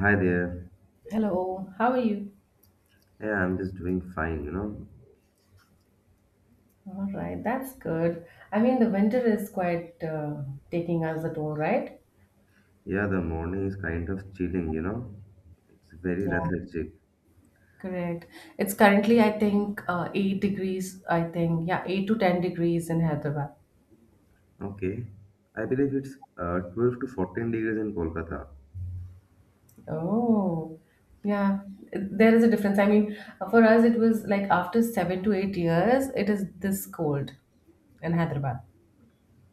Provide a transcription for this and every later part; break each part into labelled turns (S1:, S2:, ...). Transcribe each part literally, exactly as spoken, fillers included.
S1: Hi there.
S2: Hello, how are you?
S1: Yeah, I'm just doing fine, you know.
S2: All right, that's good. I mean, the winter is quite uh, taking us a toll, right?
S1: Yeah, the morning is kind of chilling, you know. It's very
S2: Yeah,
S1: lethargic.
S2: correct. It's currently, I think, uh, eight degrees, I think. Yeah, eight to ten degrees in Hyderabad.
S1: Okay. I believe it's uh, twelve to fourteen degrees in Kolkata.
S2: Oh, yeah, there is a difference. I mean, for us, it was like after seven to eight years, it is this cold in Hyderabad.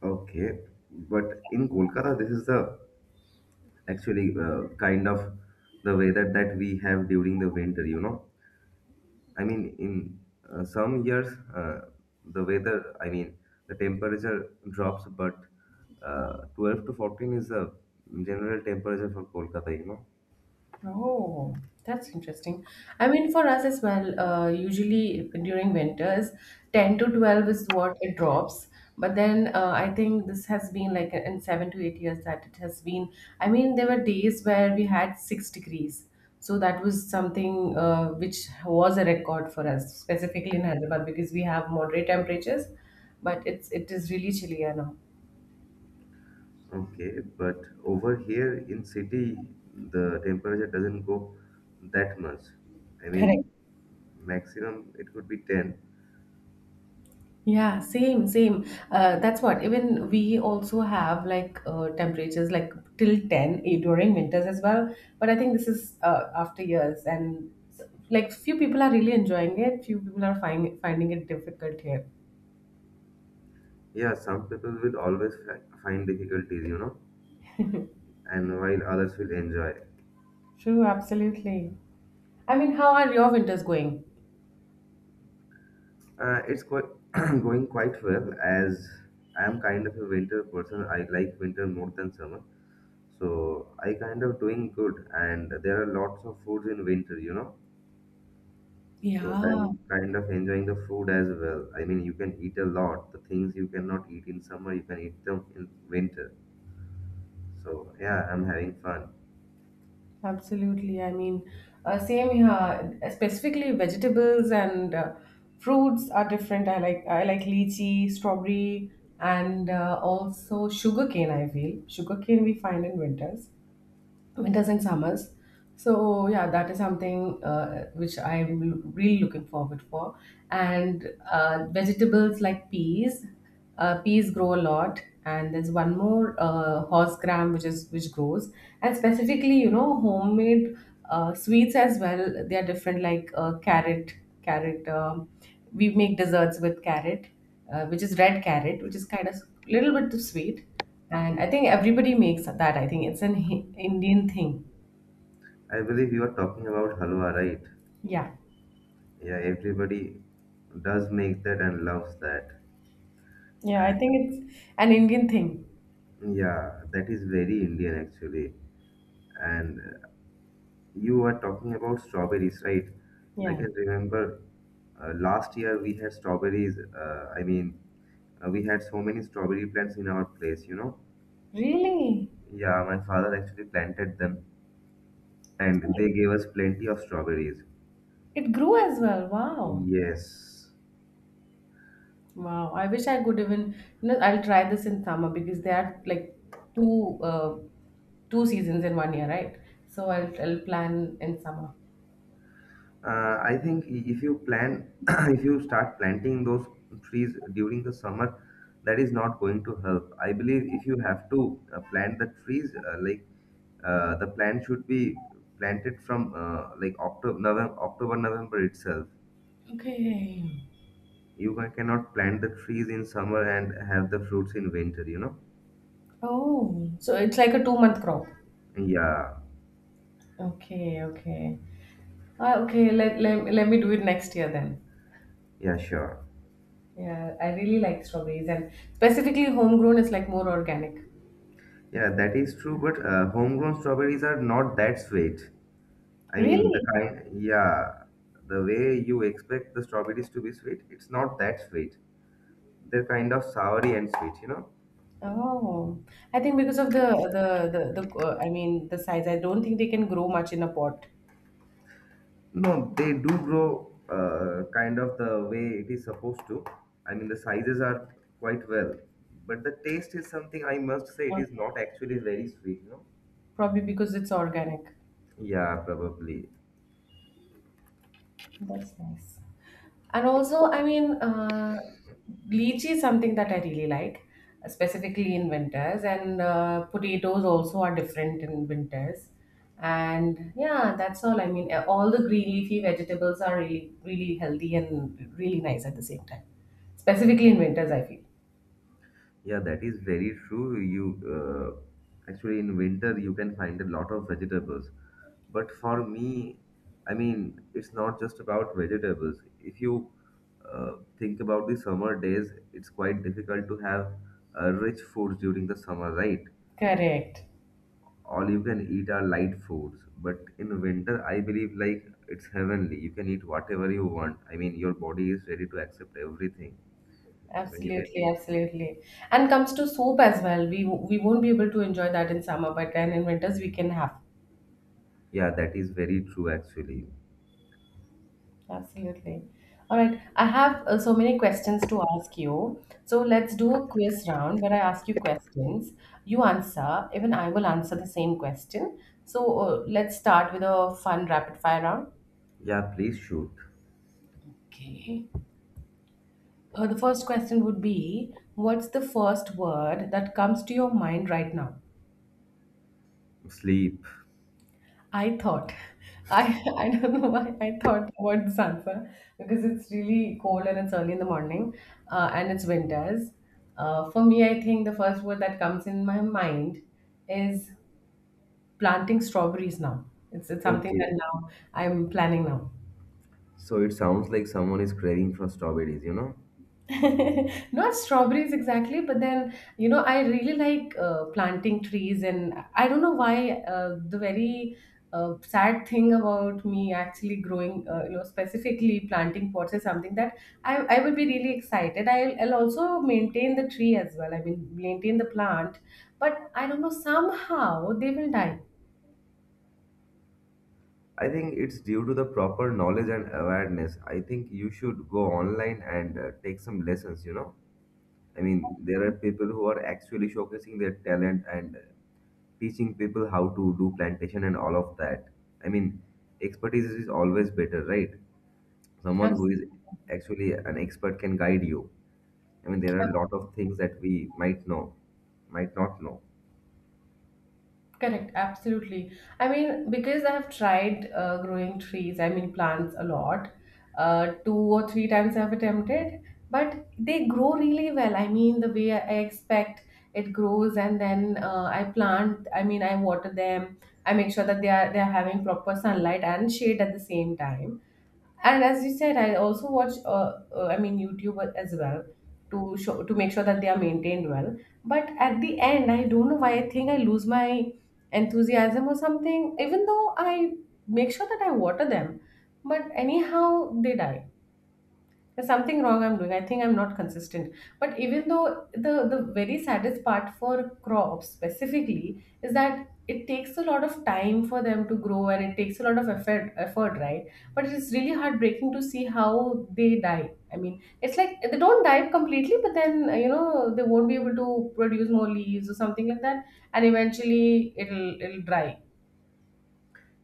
S1: Okay. But in Kolkata, this is the actually uh, kind of the weather that we have during the winter, you know. I mean, in uh, some years, uh, the weather, I mean, the temperature drops, but uh, twelve to fourteen is the general temperature for Kolkata, you know.
S2: Oh, that's interesting. I mean, for us as well, uh, usually during winters, ten to twelve is what it drops. But then uh, I think this has been like in seven to eight years that it has been. I mean, there were days where we had six degrees. So that was something uh, which was a record for us, specifically in Hyderabad, because we have moderate temperatures, but it's it is really chilly here now.
S1: Okay, but over here in city, the temperature doesn't go that much. I
S2: Correct.
S1: mean, maximum it could be ten.
S2: Yeah, same, same. Uh, that's what. Even we also have like uh, temperatures like till ten eh, during winters as well. But I think this is uh, after years, and s- like few people are really enjoying it. Few people are find, finding it difficult here.
S1: Yeah, some people will always fi- find difficulties, you know, and while others will enjoy.
S2: True, absolutely. I mean, how are your winters going?
S1: Uh, it's quite going quite well as I'm kind of a winter person. I like winter more than summer, so I kind of doing good. And there are lots of foods in winter, you know. So
S2: Yeah.
S1: I'm kind of enjoying the food as well. I mean, you can eat a lot. The things you cannot eat in summer, you can eat them in winter. So yeah, I'm having fun.
S2: Absolutely. I mean, uh, same here. Specifically, vegetables and uh, fruits are different. I like I like lychee, strawberry, and uh, also sugarcane. I feel sugarcane we find in winters, winters and summers. So yeah, that is something uh, which I'm l- really looking forward for. And uh, vegetables like peas uh, peas grow a lot, and there's one more uh, horse gram which is which grows. And specifically, you know, homemade uh, sweets as well, they are different, like uh, carrot carrot um, We make desserts with carrot, uh, which is red carrot, which is kind of little bit too sweet. And I think everybody makes that. I think it's an Hi- Indian thing.
S1: I believe you are talking about halwa, right?
S2: Yeah.
S1: Yeah, everybody does make that and loves that.
S2: Yeah, I
S1: And
S2: think it's an Indian thing.
S1: yeah, that is very Indian actually. And uh, You are talking about strawberries, right? I
S2: Yeah.
S1: can remember uh, last year we had strawberries. Uh, I mean, uh, we had so many strawberry plants in our place, you know
S2: Really?
S1: Yeah, my father actually planted them and they gave us plenty of strawberries.
S2: It grew as well. Wow.
S1: Yes.
S2: Wow. I wish I could even, you know, I'll try this in summer because there are like two uh, two seasons in one year, right? So I'll, I'll plan in summer.
S1: Uh, I think i- if you plan, if you start planting those trees during the summer, that is not going to help. I believe if you have to uh, plant the trees, uh, like uh, the plant should be planted from uh, like October, November, October, November itself.
S2: Okay.
S1: You ca- cannot plant the trees in summer and have the fruits in winter, you know?
S2: Oh, so it's like a two month crop.
S1: Yeah,
S2: Okay, okay. Uh, okay, let, let, let me do it next year then.
S1: yeah, sure.
S2: Yeah, I really like strawberries, and specifically homegrown is like more organic.
S1: Yeah, that is true, but uh, homegrown strawberries are not that sweet. I mean, the
S2: Really?
S1: kind, yeah, the way you expect the strawberries to be sweet, it's not that sweet. They're kind of soury and sweet, you know?
S2: Oh, I think because of the the the, the uh, I mean, the size, I don't think they can grow much in a pot.
S1: No, they do grow uh, kind of the way it is supposed to. I mean, the sizes are quite well, but the taste is something I must say it
S2: Okay.
S1: is not actually very sweet, you know?
S2: Probably because it's organic.
S1: Yeah, probably.
S2: That's nice. And also, I mean, uh, lychee is something that I really like, specifically in winters. And uh, potatoes also are different in winters. And yeah, that's all. I mean, uh, all the green leafy vegetables are really, really healthy and really nice at the same time, specifically in winters, I feel.
S1: Yeah, that is very true. You uh, Actually in winter you can find a lot of vegetables. But for me, I mean, it's not just about vegetables. If you uh, think about the summer days, it's quite difficult to have uh, rich foods during the summer, right?
S2: Correct.
S1: All you can eat are light foods. But in winter, I believe like it's heavenly. You can eat whatever you want. I mean, your body is ready to accept everything. I mean, you can.
S2: Absolutely, absolutely. And comes to soup as well. We w- we won't be able to enjoy that in summer, but then in winters we can have.
S1: Yeah, that is very true actually.
S2: Absolutely. All right. I have uh, so many questions to ask you. So let's do a quiz round where I ask you questions. You answer, even I will answer the same question. So uh, let's start with a fun rapid fire round.
S1: Yeah, please shoot.
S2: Okay. Uh, the first question would be, what's the first word that comes to your mind right now?
S1: Sleep.
S2: I thought, I I don't know why I thought about this answer because it's really cold and it's early in the morning, uh, and it's winters. Uh, for me, I think the first word that comes in my mind is planting strawberries now. It's it's something that
S1: Okay,
S2: now I'm planning now.
S1: so it sounds like someone is craving for strawberries, you know?
S2: Not strawberries exactly, but then you know I really like uh, planting trees, and I don't know why uh, the very uh, sad thing about me actually growing, uh, you know, specifically planting pots is something that I I will be really excited. I'll, I'll also maintain the tree as well. I mean, maintain the plant, but I don't know, somehow they will die.
S1: I think it's due to the proper knowledge and awareness. I think you should go online and uh, take some lessons, you know? I mean, there are people who are actually showcasing their talent and uh, teaching people how to do plantation and all of that. I mean, expertise is always better, right? Someone
S2: Abs-
S1: who is actually an expert can guide you. I mean, there are a lot of things that we might know, might not know.
S2: Correct, absolutely. I mean, because I have tried uh, growing trees, I mean plants, a lot. Uh, two or three times I've attempted, but they grow really well. I mean, the way I I expect it grows, and then uh, I plant. I mean, I water them. I make sure that they are they are having proper sunlight and shade at the same time. And as you said, I also watch uh, uh, I mean, YouTube as well, to show to make sure that they are maintained well. But at the end, I don't know why, I think I lose my enthusiasm or something, even though I make sure that I water them. But anyhow, they die. There's something wrong I'm doing. I think I'm not consistent. But even though, the the very saddest part for crops specifically is that it takes a lot of time for them to grow, and it takes a lot of effort effort right? But it's really heartbreaking to see how they die. I mean, it's like they don't die completely, but then uh, you know they won't be able to produce more leaves or something like that. And eventually, it'll it'll dry.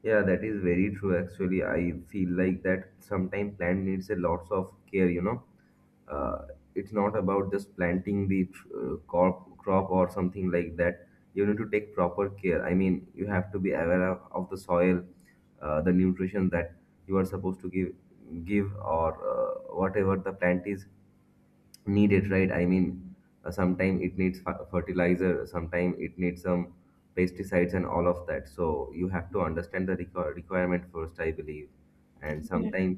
S1: Yeah, that is very true. Actually, I feel like that sometimes plant needs a lots of care. You know, uh, it's not about just planting the tr- uh, crop, crop or something like that. You need to take proper care. I mean, you have to be aware of, of the soil, uh, the nutrition that you are supposed to give, give or uh, whatever the plant is need it, right? I mean, sometimes it needs fer- fertilizer, sometimes it needs some pesticides and all of that, so you have to understand the requ- requirement first, I believe. And sometimes,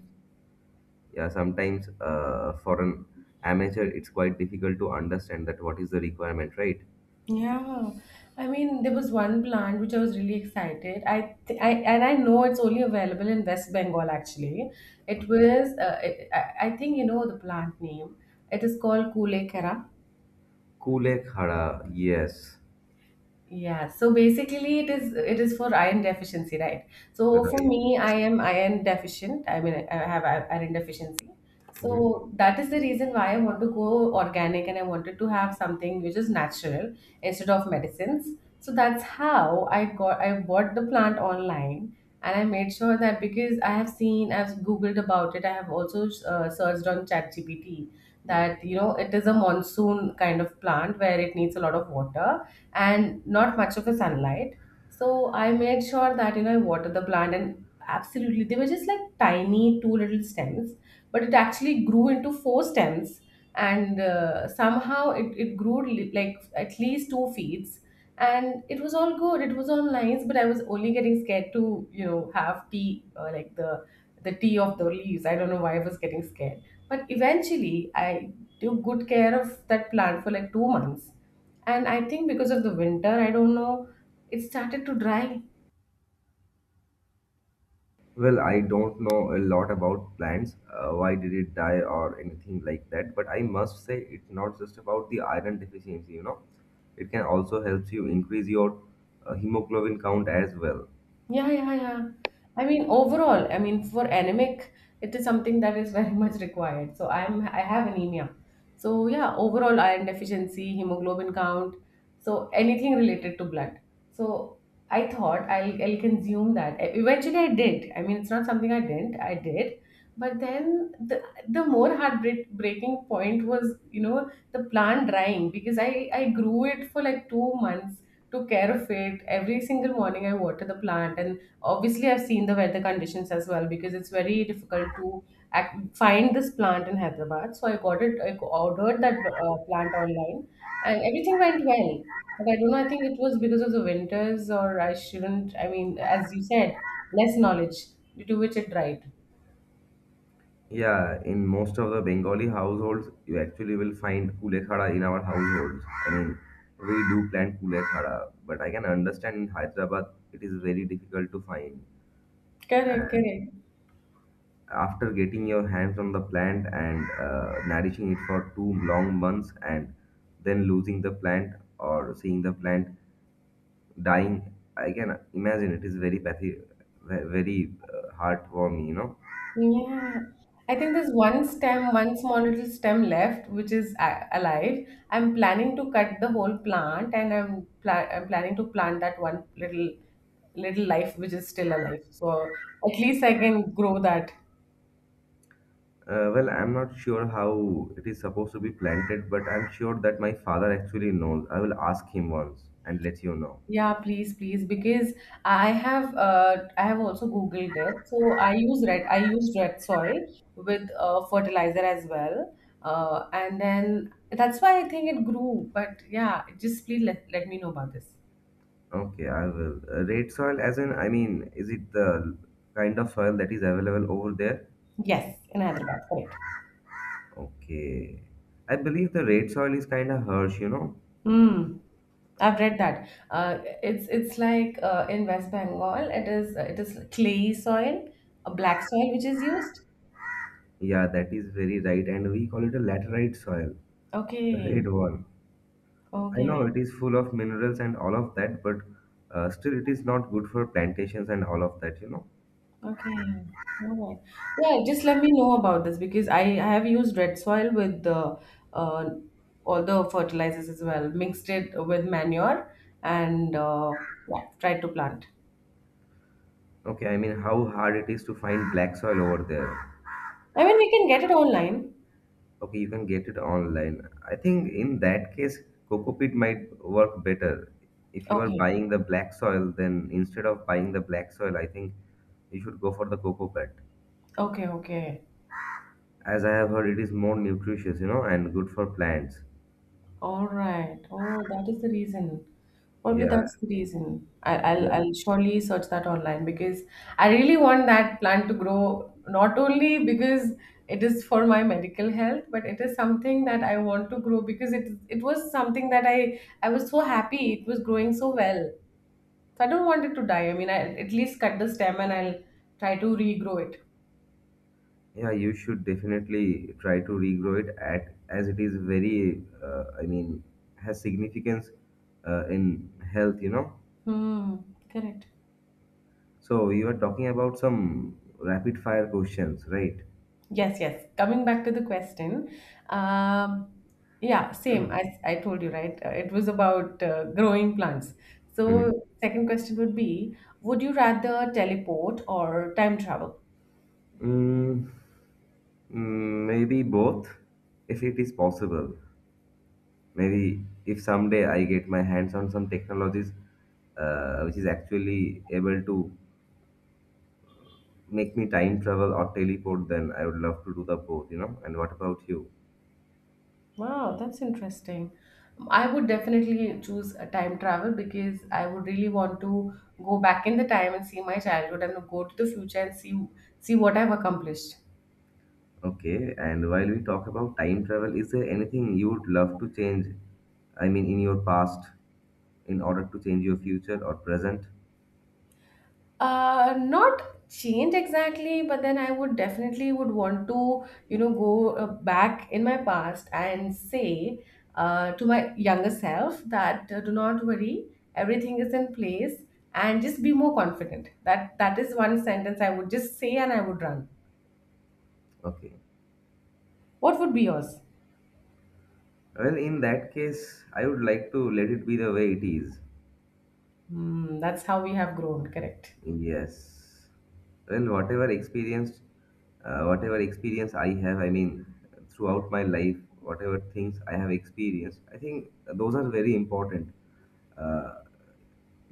S1: yeah, sometimes uh, for an amateur it's quite difficult to understand that what is the requirement, right?
S2: Yeah, I mean, there was one plant which I was really excited. I, th- I and I know it's only available in West Bengal. Actually, it
S1: Okay.
S2: was. Uh, it, I, I think you know the plant name. It is called Kulekara.
S1: Kule khada, yes.
S2: Yeah, so basically it is it is for iron deficiency, right? So for
S1: Right.
S2: me, I am iron deficient. I mean, I I have i- iron deficiency. So that is the reason why I want to go organic, and I wanted to have something which is natural instead of medicines. So that's how I got I bought the plant online. And I made sure that, because I have seen, I've Googled about it, I have also uh, searched on ChatGPT that
S1: Mhm.
S2: you know it is a monsoon kind of plant where it needs a lot of water and not much of a sunlight. So I made sure that you know I watered the plant, and absolutely, they were just like tiny two little stems, but it actually grew into four stems. And uh, somehow it, it grew li- like at least two feet. And it was all good, it was all nice, but I was only getting scared to you know have tea, uh, like the the tea of the leaves. I don't know why I was getting scared, but eventually I took good care of that plant for like two months. And I think because of the winter, I don't know, it started to dry.
S1: Well, I don't know a lot about plants, uh, why did it die or anything like that, but I must say it's not just about the iron deficiency, you know. It can also help you increase your uh, hemoglobin count as well.
S2: Yeah, yeah, yeah. I mean, overall, I mean, for anemic, it is something that is very much required. So I'm, I have anemia. So yeah, overall iron deficiency, hemoglobin count, so anything related to blood. So I thought I'll, I'll consume that. E- Eventually, I did. I mean, it's not something I didn't. I did. But then, the the more heartbreak breaking point was, you know, the plant drying, because I I grew it for like two months, took care of it every single morning, I water the plant. And obviously, I've seen the weather conditions as well, because it's very difficult to ac- find this plant in Hyderabad. So I got it, I ordered that uh, plant online, and everything went well. But I don't know, I think it was because of the winters, or I shouldn't I mean, as you said, less knowledge due to which it dried.
S1: Yeah, in most of the Bengali households, you actually will find kulekhara in our households. I mean, we do plant kulekhara, but I can understand in Hyderabad it is very difficult to find.
S2: Correct, correct.
S1: After getting your hands on the plant and uh, nourishing it for two long months and then losing the plant or seeing the plant dying, I can imagine it is very pathy, ve- very uh, heartwarming, you know.
S2: Yeah, I think there's one stem, one small little stem left, which is a- alive. I'm planning to cut the whole plant, and I'm pla- I'm planning to plant that one little little life which is still alive. So at least I can grow that.
S1: Uh, well, I'm not sure how it is supposed to be planted, but I'm sure that my father actually knows. I will ask him once and let you know.
S2: Yeah, please, please, because I have uh, I have also Googled it. So I use red I use red soil with uh, fertilizer as well, uh, and then that's why I think it grew. But yeah, just please let, let me know about this.
S1: Okay, I will. Uh, red soil, as in, I mean, is it the kind of soil that is available over there?
S2: Yes, in Hyderabad, correct.
S1: Okay. I believe the red soil is kind of harsh, you know?
S2: Mm. I've read that. Uh, it's it's like uh, in West Bengal, it is it is clay soil, a black soil which is used.
S1: Yeah, that is very right. And we call it a laterite soil, the
S2: Okay,
S1: red one. I
S2: okay,
S1: know it is full of minerals and all of that, but uh, still it is not good for plantations and all of that, you know?
S2: okay. All right. Yeah, just let me know about this because I, I have used red soil with the uh, all the fertilizers as well, mixed it with manure, and uh, yeah, tried to plant.
S1: Okay, I mean, how hard it is to find black soil over there.
S2: I mean, we can get it online.
S1: Okay, you can get it online. I think in that case, coco peat might work better. If you are
S2: Okay,
S1: buying the black soil, then instead of buying the black soil, I think you should go for the coco peat.
S2: okay, okay.
S1: As I have heard, it is more nutritious, you know, and good for plants.
S2: All right. Oh, that is the reason. Probably
S1: Yeah,
S2: that's the reason. I, I'll
S1: yeah,
S2: I'll surely search that online because I really want that plant to grow. Not only because it is for my medical health, but it is something that I want to grow because it it was something that I I was so happy it was growing so well. So I don't want it to die. I mean, I will at least cut the stem and I'll try to regrow it.
S1: yeah. You should definitely try to regrow it at as it is very, uh, I mean, has significance uh, in health, you know.
S2: Hmm. Correct.
S1: So you are talking about some rapid fire questions, right?
S2: Yes, yes. Coming back to the question, um, yeah, same. I, I told you, right? Uh, it was about uh, growing plants.
S1: Mhm.
S2: So, second question would be, would you rather teleport or time travel?
S1: Mm, mm, maybe both, if it is possible. Maybe if someday I get my hands on some technologies uh, which is actually able to make me time travel or teleport, then I would love to do the both, you know. And what about you?
S2: Wow, that's interesting. I would definitely choose a time travel because I would really want to go back in the time and see my childhood and go to the future and see see what I've accomplished.
S1: Okay, and while we talk about time travel, is there anything you would love to change? I mean, in your past, in order to change your future or present?
S2: uh not change exactly, but then I would definitely would want to you know go uh, back in my past and say uh, to my younger self that uh, do not worry, everything is in place and just be more confident. That that is one sentence I would just say and I would run.
S1: Okay.
S2: What would be yours?
S1: Well, in that case, I would like to let it be the way it is.
S2: Hmm, that's how we have grown. Correct.
S1: Yes. Well, whatever experience, uh, whatever experience I have, I mean, throughout my life, whatever things I have experienced, I think those are very important. Uh,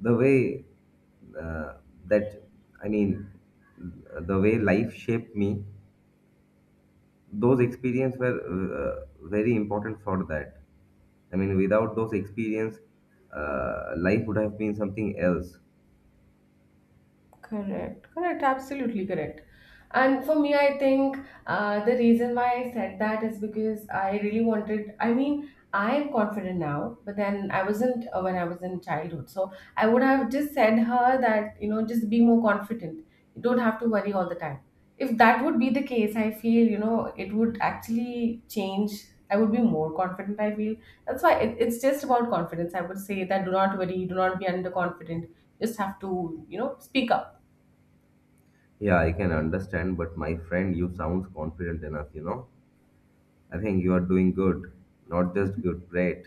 S1: the way uh, that, I mean, The way life shaped me, those experiences were uh, very important for that. I mean, without those experience, uh, life would have been something else.
S2: Correct, correct, absolutely correct. And for me, I think uh, the reason why I said that is because I really wanted, I mean, I am confident now, but then I wasn't uh, when I was in childhood. So I would have just said her that, you know, just be more confident. You don't have to worry all the time. If that would be the case, I feel, you know it would actually change. I would be more confident, I feel. That's why it, it's just about confidence. I would say that, do not worry, do not be underconfident. Just have to you know speak up.
S1: Yeah, I can understand, but my friend, you sounds confident enough, you know. I think you are doing good, not just good, great.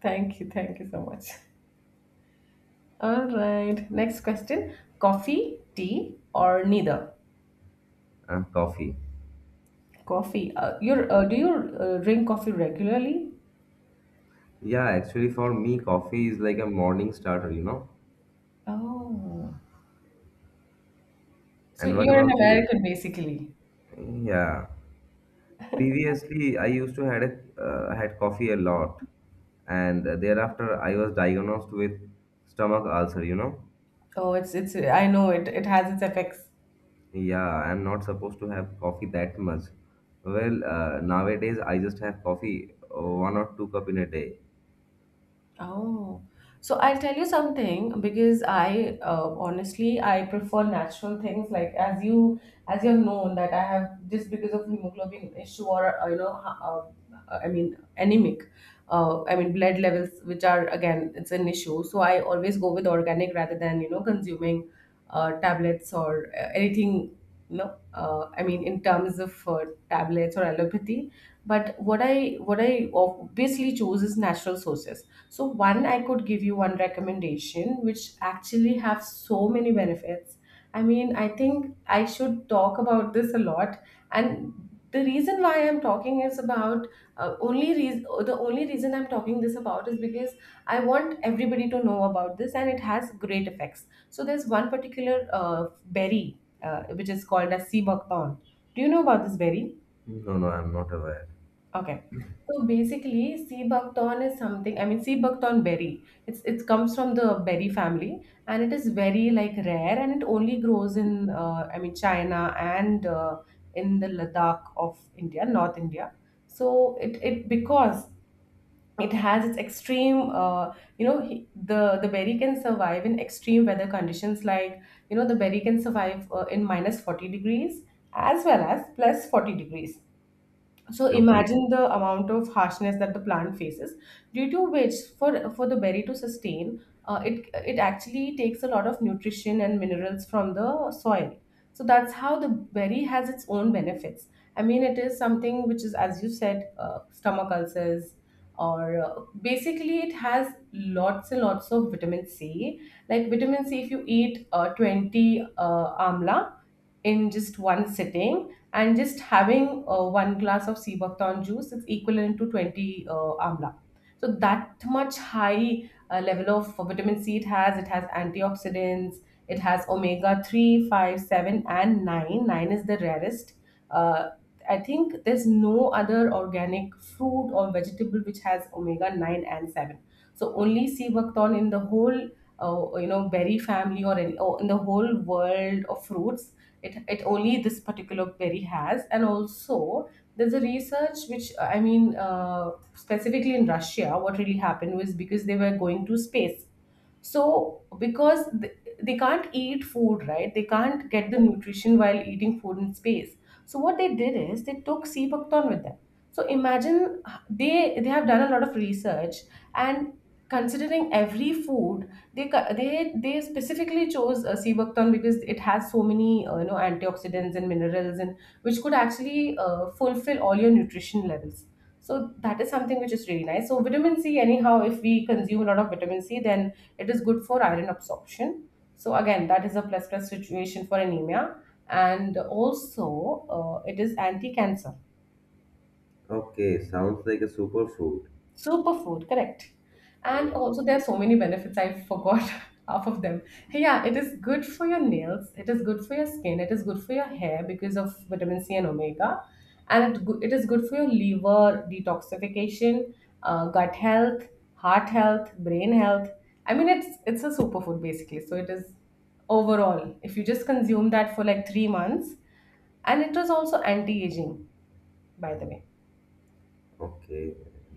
S2: Thank you, thank you so much. All right, next question. Coffee, tea, or neither?
S1: Uh, coffee.
S2: Coffee. Uh, you're uh, do you uh, drink coffee regularly?
S1: Yeah, actually, for me, coffee is like a morning starter, you know.
S2: Oh, so
S1: And what
S2: you're an
S1: about you?
S2: American basically.
S1: Yeah. Previously, I used to had a, uh, had coffee a lot, and thereafter, I was diagnosed with stomach ulcer, you know.
S2: Oh, it's it's I know it it has its effects.
S1: Yeah, I'm not supposed to have coffee that much. Well, uh, nowadays I just have coffee uh, one or two cup in a day.
S2: Oh, so I'll tell you something, because I, uh, honestly, I prefer natural things, like as you as you have known, that I have. Just because of hemoglobin issue, or uh, you know uh, uh, I mean, anemic, uh, I mean, blood levels, which are again it's an issue. So I always go with organic rather than you know consuming uh, tablets or uh, anything, you know uh, I mean, in terms of uh, tablets or allopathy. But what I what I obviously choose is natural sources. So one I could give you one recommendation which actually have so many benefits. I mean, I think I should talk about this a lot. And the reason why I'm talking is about, uh, only reason the only reason I'm talking this about is because I want everybody to know about this, and it has great effects. So there's one particular uh, berry, uh, which is called as sea buckthorn. Do you know about this berry?
S1: No, no, I'm not aware.
S2: Okay. So basically, sea buckthorn is something, I mean, sea buckthorn berry. It's it comes from the berry family, and it is very like rare, and it only grows in, uh, I mean, China and uh, in the Ladakh of India, North India. So it it because it has its extreme, uh, you know, he- the the berry can survive in extreme weather conditions, like, you know, the berry can survive uh, in minus forty degrees as well as plus forty degrees. So
S1: Okay.
S2: imagine the amount of harshness that the plant faces, due to which, for for the berry to sustain, uh, it it actually takes a lot of nutrition and minerals from the soil. So that's how the berry has its own benefits. I mean, it is something which is, as you said, uh, stomach ulcers, or uh, basically, it has lots and lots of vitamin C. Like vitamin C, if you eat uh, twenty uh, amla in just one sitting, and just having uh, one glass of seabhaktan juice, it's equivalent to twenty uh, amla. So that much high uh, level of vitamin C, it has It has antioxidants, it has omega three, five, seven, and nine. nine is the rarest. uh, I think there's no other organic fruit or vegetable which has omega nine and seven. So only seabhaktan, in the whole, uh, you know berry family, or any, or in the whole world of fruits, it it only this particular berry has. And also, there's a research which, I mean, uh, specifically in Russia, what really happened was, because they were going to space. So because th- they can't eat food, right? They can't get the nutrition while eating food in space. So what they did is they took sea buckthorn with them. So imagine, h- they they have done a lot of research. And considering every food, they co- they they specifically chose uh, sea buckthorn, because it has so many, uh, you know antioxidants and minerals, and which could actually uh, fulfill all your nutrition levels. So that is something which is really nice. So vitamin C, anyhow, if we consume a lot of vitamin C, then it is good for iron absorption. So again, that is a plus plus situation for anemia, and also uh, it is anti-cancer.
S1: Okay, sounds like a superfood.
S2: Superfood, correct. And
S1: Yeah,
S2: also, there are so many benefits. I forgot half of them. Yeah, it is good for your nails. It is good for your skin. It is good for your hair because of vitamin C and omega. And it, go- it is good for your liver detoxification, uh, gut health, heart health, brain health. I mean, it's it's a superfood basically. So it is overall. If you just consume that for like three months. And it was also anti-aging, by the way.
S1: okay.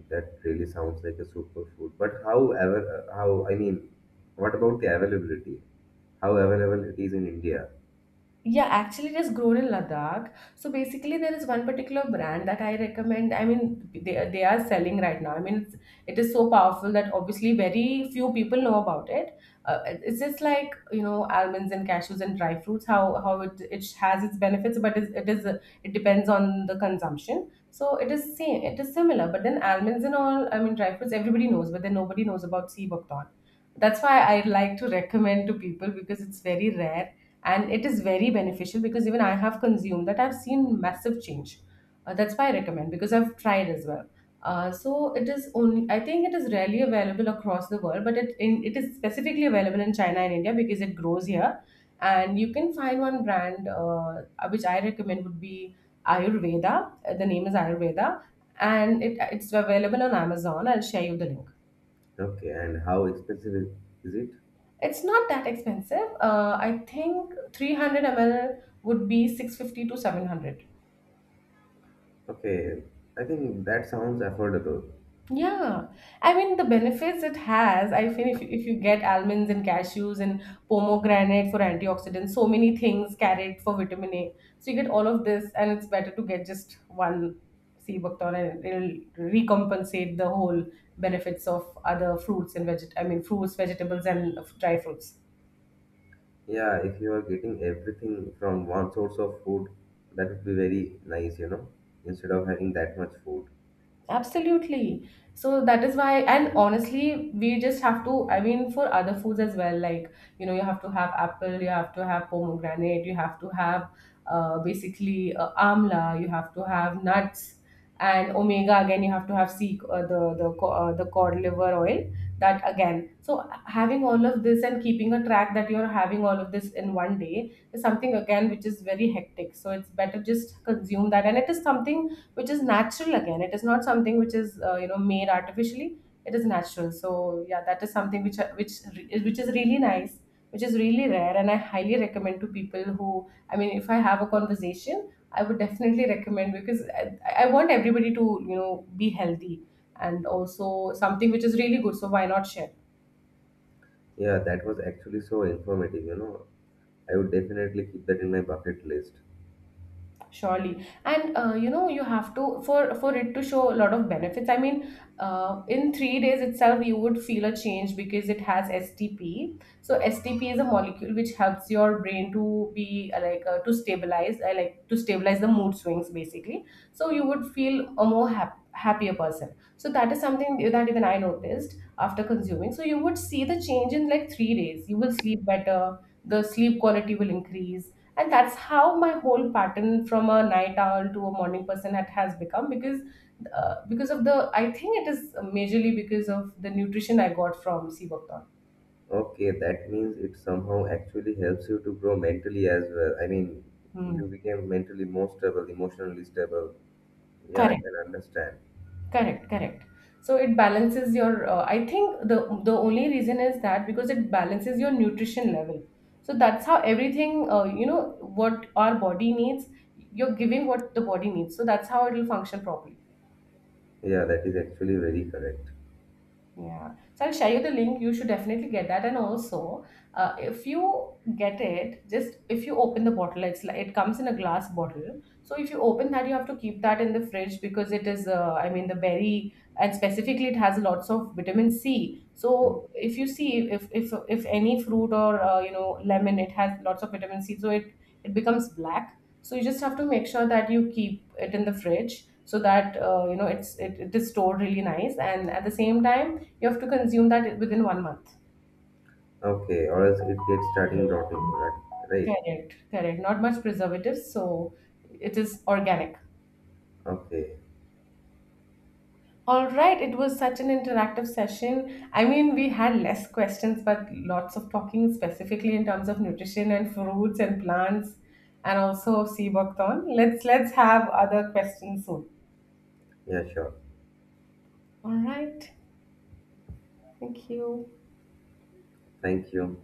S1: That really sounds like a superfood. But however, uh, how, I mean, what about the availability? How available it is in India?
S2: Yeah, actually, it has grown in Ladakh. So basically, there is one particular brand that I recommend. I mean, they, they are selling right now. I mean, it's, it is so powerful that obviously very few people know about it. Uh, it's just like you know almonds and cashews and dry fruits. How how it, it has its benefits, but it, it is it depends on the consumption. So it is same. It is similar, but then almonds and all. I mean, dry fruits, everybody knows, but then nobody knows about sea buckthorn. That's why I like to recommend to people, because it's very rare and it is very beneficial. Because even I have consumed that, I've seen massive change. Uh, that's why I recommend, because I've tried as well. Uh, so it is only, I think, it is rarely available across the world, but it in, it is specifically available in China and India, because it grows here. And you can find one brand, uh, which I recommend would be Ayurveda. Uh, the name is Ayurveda, and it, it's available on Amazon. I'll share you the link.
S1: Okay, and how expensive it- is it?
S2: It's not that expensive. Uh, I think three hundred milliliters would be six fifty to seven hundred.
S1: Okay, I think that sounds affordable.
S2: Yeah, I mean, the benefits it has. I feel, if you, if you get almonds and cashews and pomegranate for antioxidants, so many things, carrot for vitamin A. So you get all of this, and it's better to get just one sea buckthorn, and it'll recompensate the whole benefits of other fruits and veget. I mean, fruits, vegetables, and dry fruits.
S1: Yeah, if you are getting everything from one source of food, that would be very nice, you know, instead of having that much food.
S2: Absolutely. So that is why, and honestly, we just have to. I mean, for other foods as well, like, you know, you have to have apple, you have to have pomegranate, you have to have uh, basically uh, amla, you have to have nuts, and omega again, you have to have sea, uh, the the co- uh, the cod liver oil. That again, so having all of this and keeping a track that you're having all of this in one day is something again which is very hectic. So it's better just consume that, and it is something which is natural. Again, it is not something which is, uh, you know made artificially. It is natural. So yeah, that is something which, uh, which which is really nice, which is really rare, and I highly recommend to people who, I mean, if I have a conversation I would definitely recommend. Because i, I want everybody to, you know be healthy, and also something which is really good, so why not share.
S1: Yeah, that was actually so informative, you know. I would definitely keep that in my bucket list.
S2: Surely. And uh, you know you have to, for for it to show a lot of benefits, I mean, uh, in three days itself you would feel a change, because it has stp. So stp is a molecule which helps your brain to be, uh, like uh, to stabilize uh, like to stabilize the mood swings basically. So you would feel a more hap- happier person. So that is something that even I noticed after consuming. So you would see the change in like three days. You will sleep better. The sleep quality will increase. And that's how my whole pattern from a night owl to a morning person hat has become. Because uh, because of the I think it is majorly because of the nutrition I got from sea buckthorn.
S1: Okay, that means it somehow actually helps you to grow mentally as well. I mean,
S2: Hmm.
S1: you became mentally more stable, emotionally stable. Yeah, I
S2: Correct,
S1: can understand.
S2: correct, correct. So it balances your. Uh, I think the, the only reason is that, because it balances your nutrition level. So that's how everything. Uh, you know what our body needs, you're giving what the body needs. So that's how it will function properly.
S1: Yeah, that is actually very correct.
S2: Yeah. So I'll share you the link. You should definitely get that. And also, uh, if you get it, just, if you open the bottle, it's like it comes in a glass bottle. So if you open that, you have to keep that in the fridge, because it is, uh, I mean, the berry, and specifically it has lots of vitamin C.
S1: Mm.
S2: So if you see, if if if any fruit or uh, you know lemon, it has lots of vitamin C. So it it becomes black. So you just have to make sure that you keep it in the fridge, so that uh, you know it's it, it is stored really nice. And at the same time, you have to consume that within one month.
S1: Okay, or else it gets starting rotting, right? Right.
S2: Correct, correct. Not much preservatives, so it is organic.
S1: Okay.
S2: All right, it was such an interactive session. I mean, we had less questions, but lots of talking, specifically in terms of nutrition and fruits and plants, and also sea buckthorn. Let's let's have other questions soon.
S1: Yeah, sure.
S2: All right, thank you.
S1: Thank you.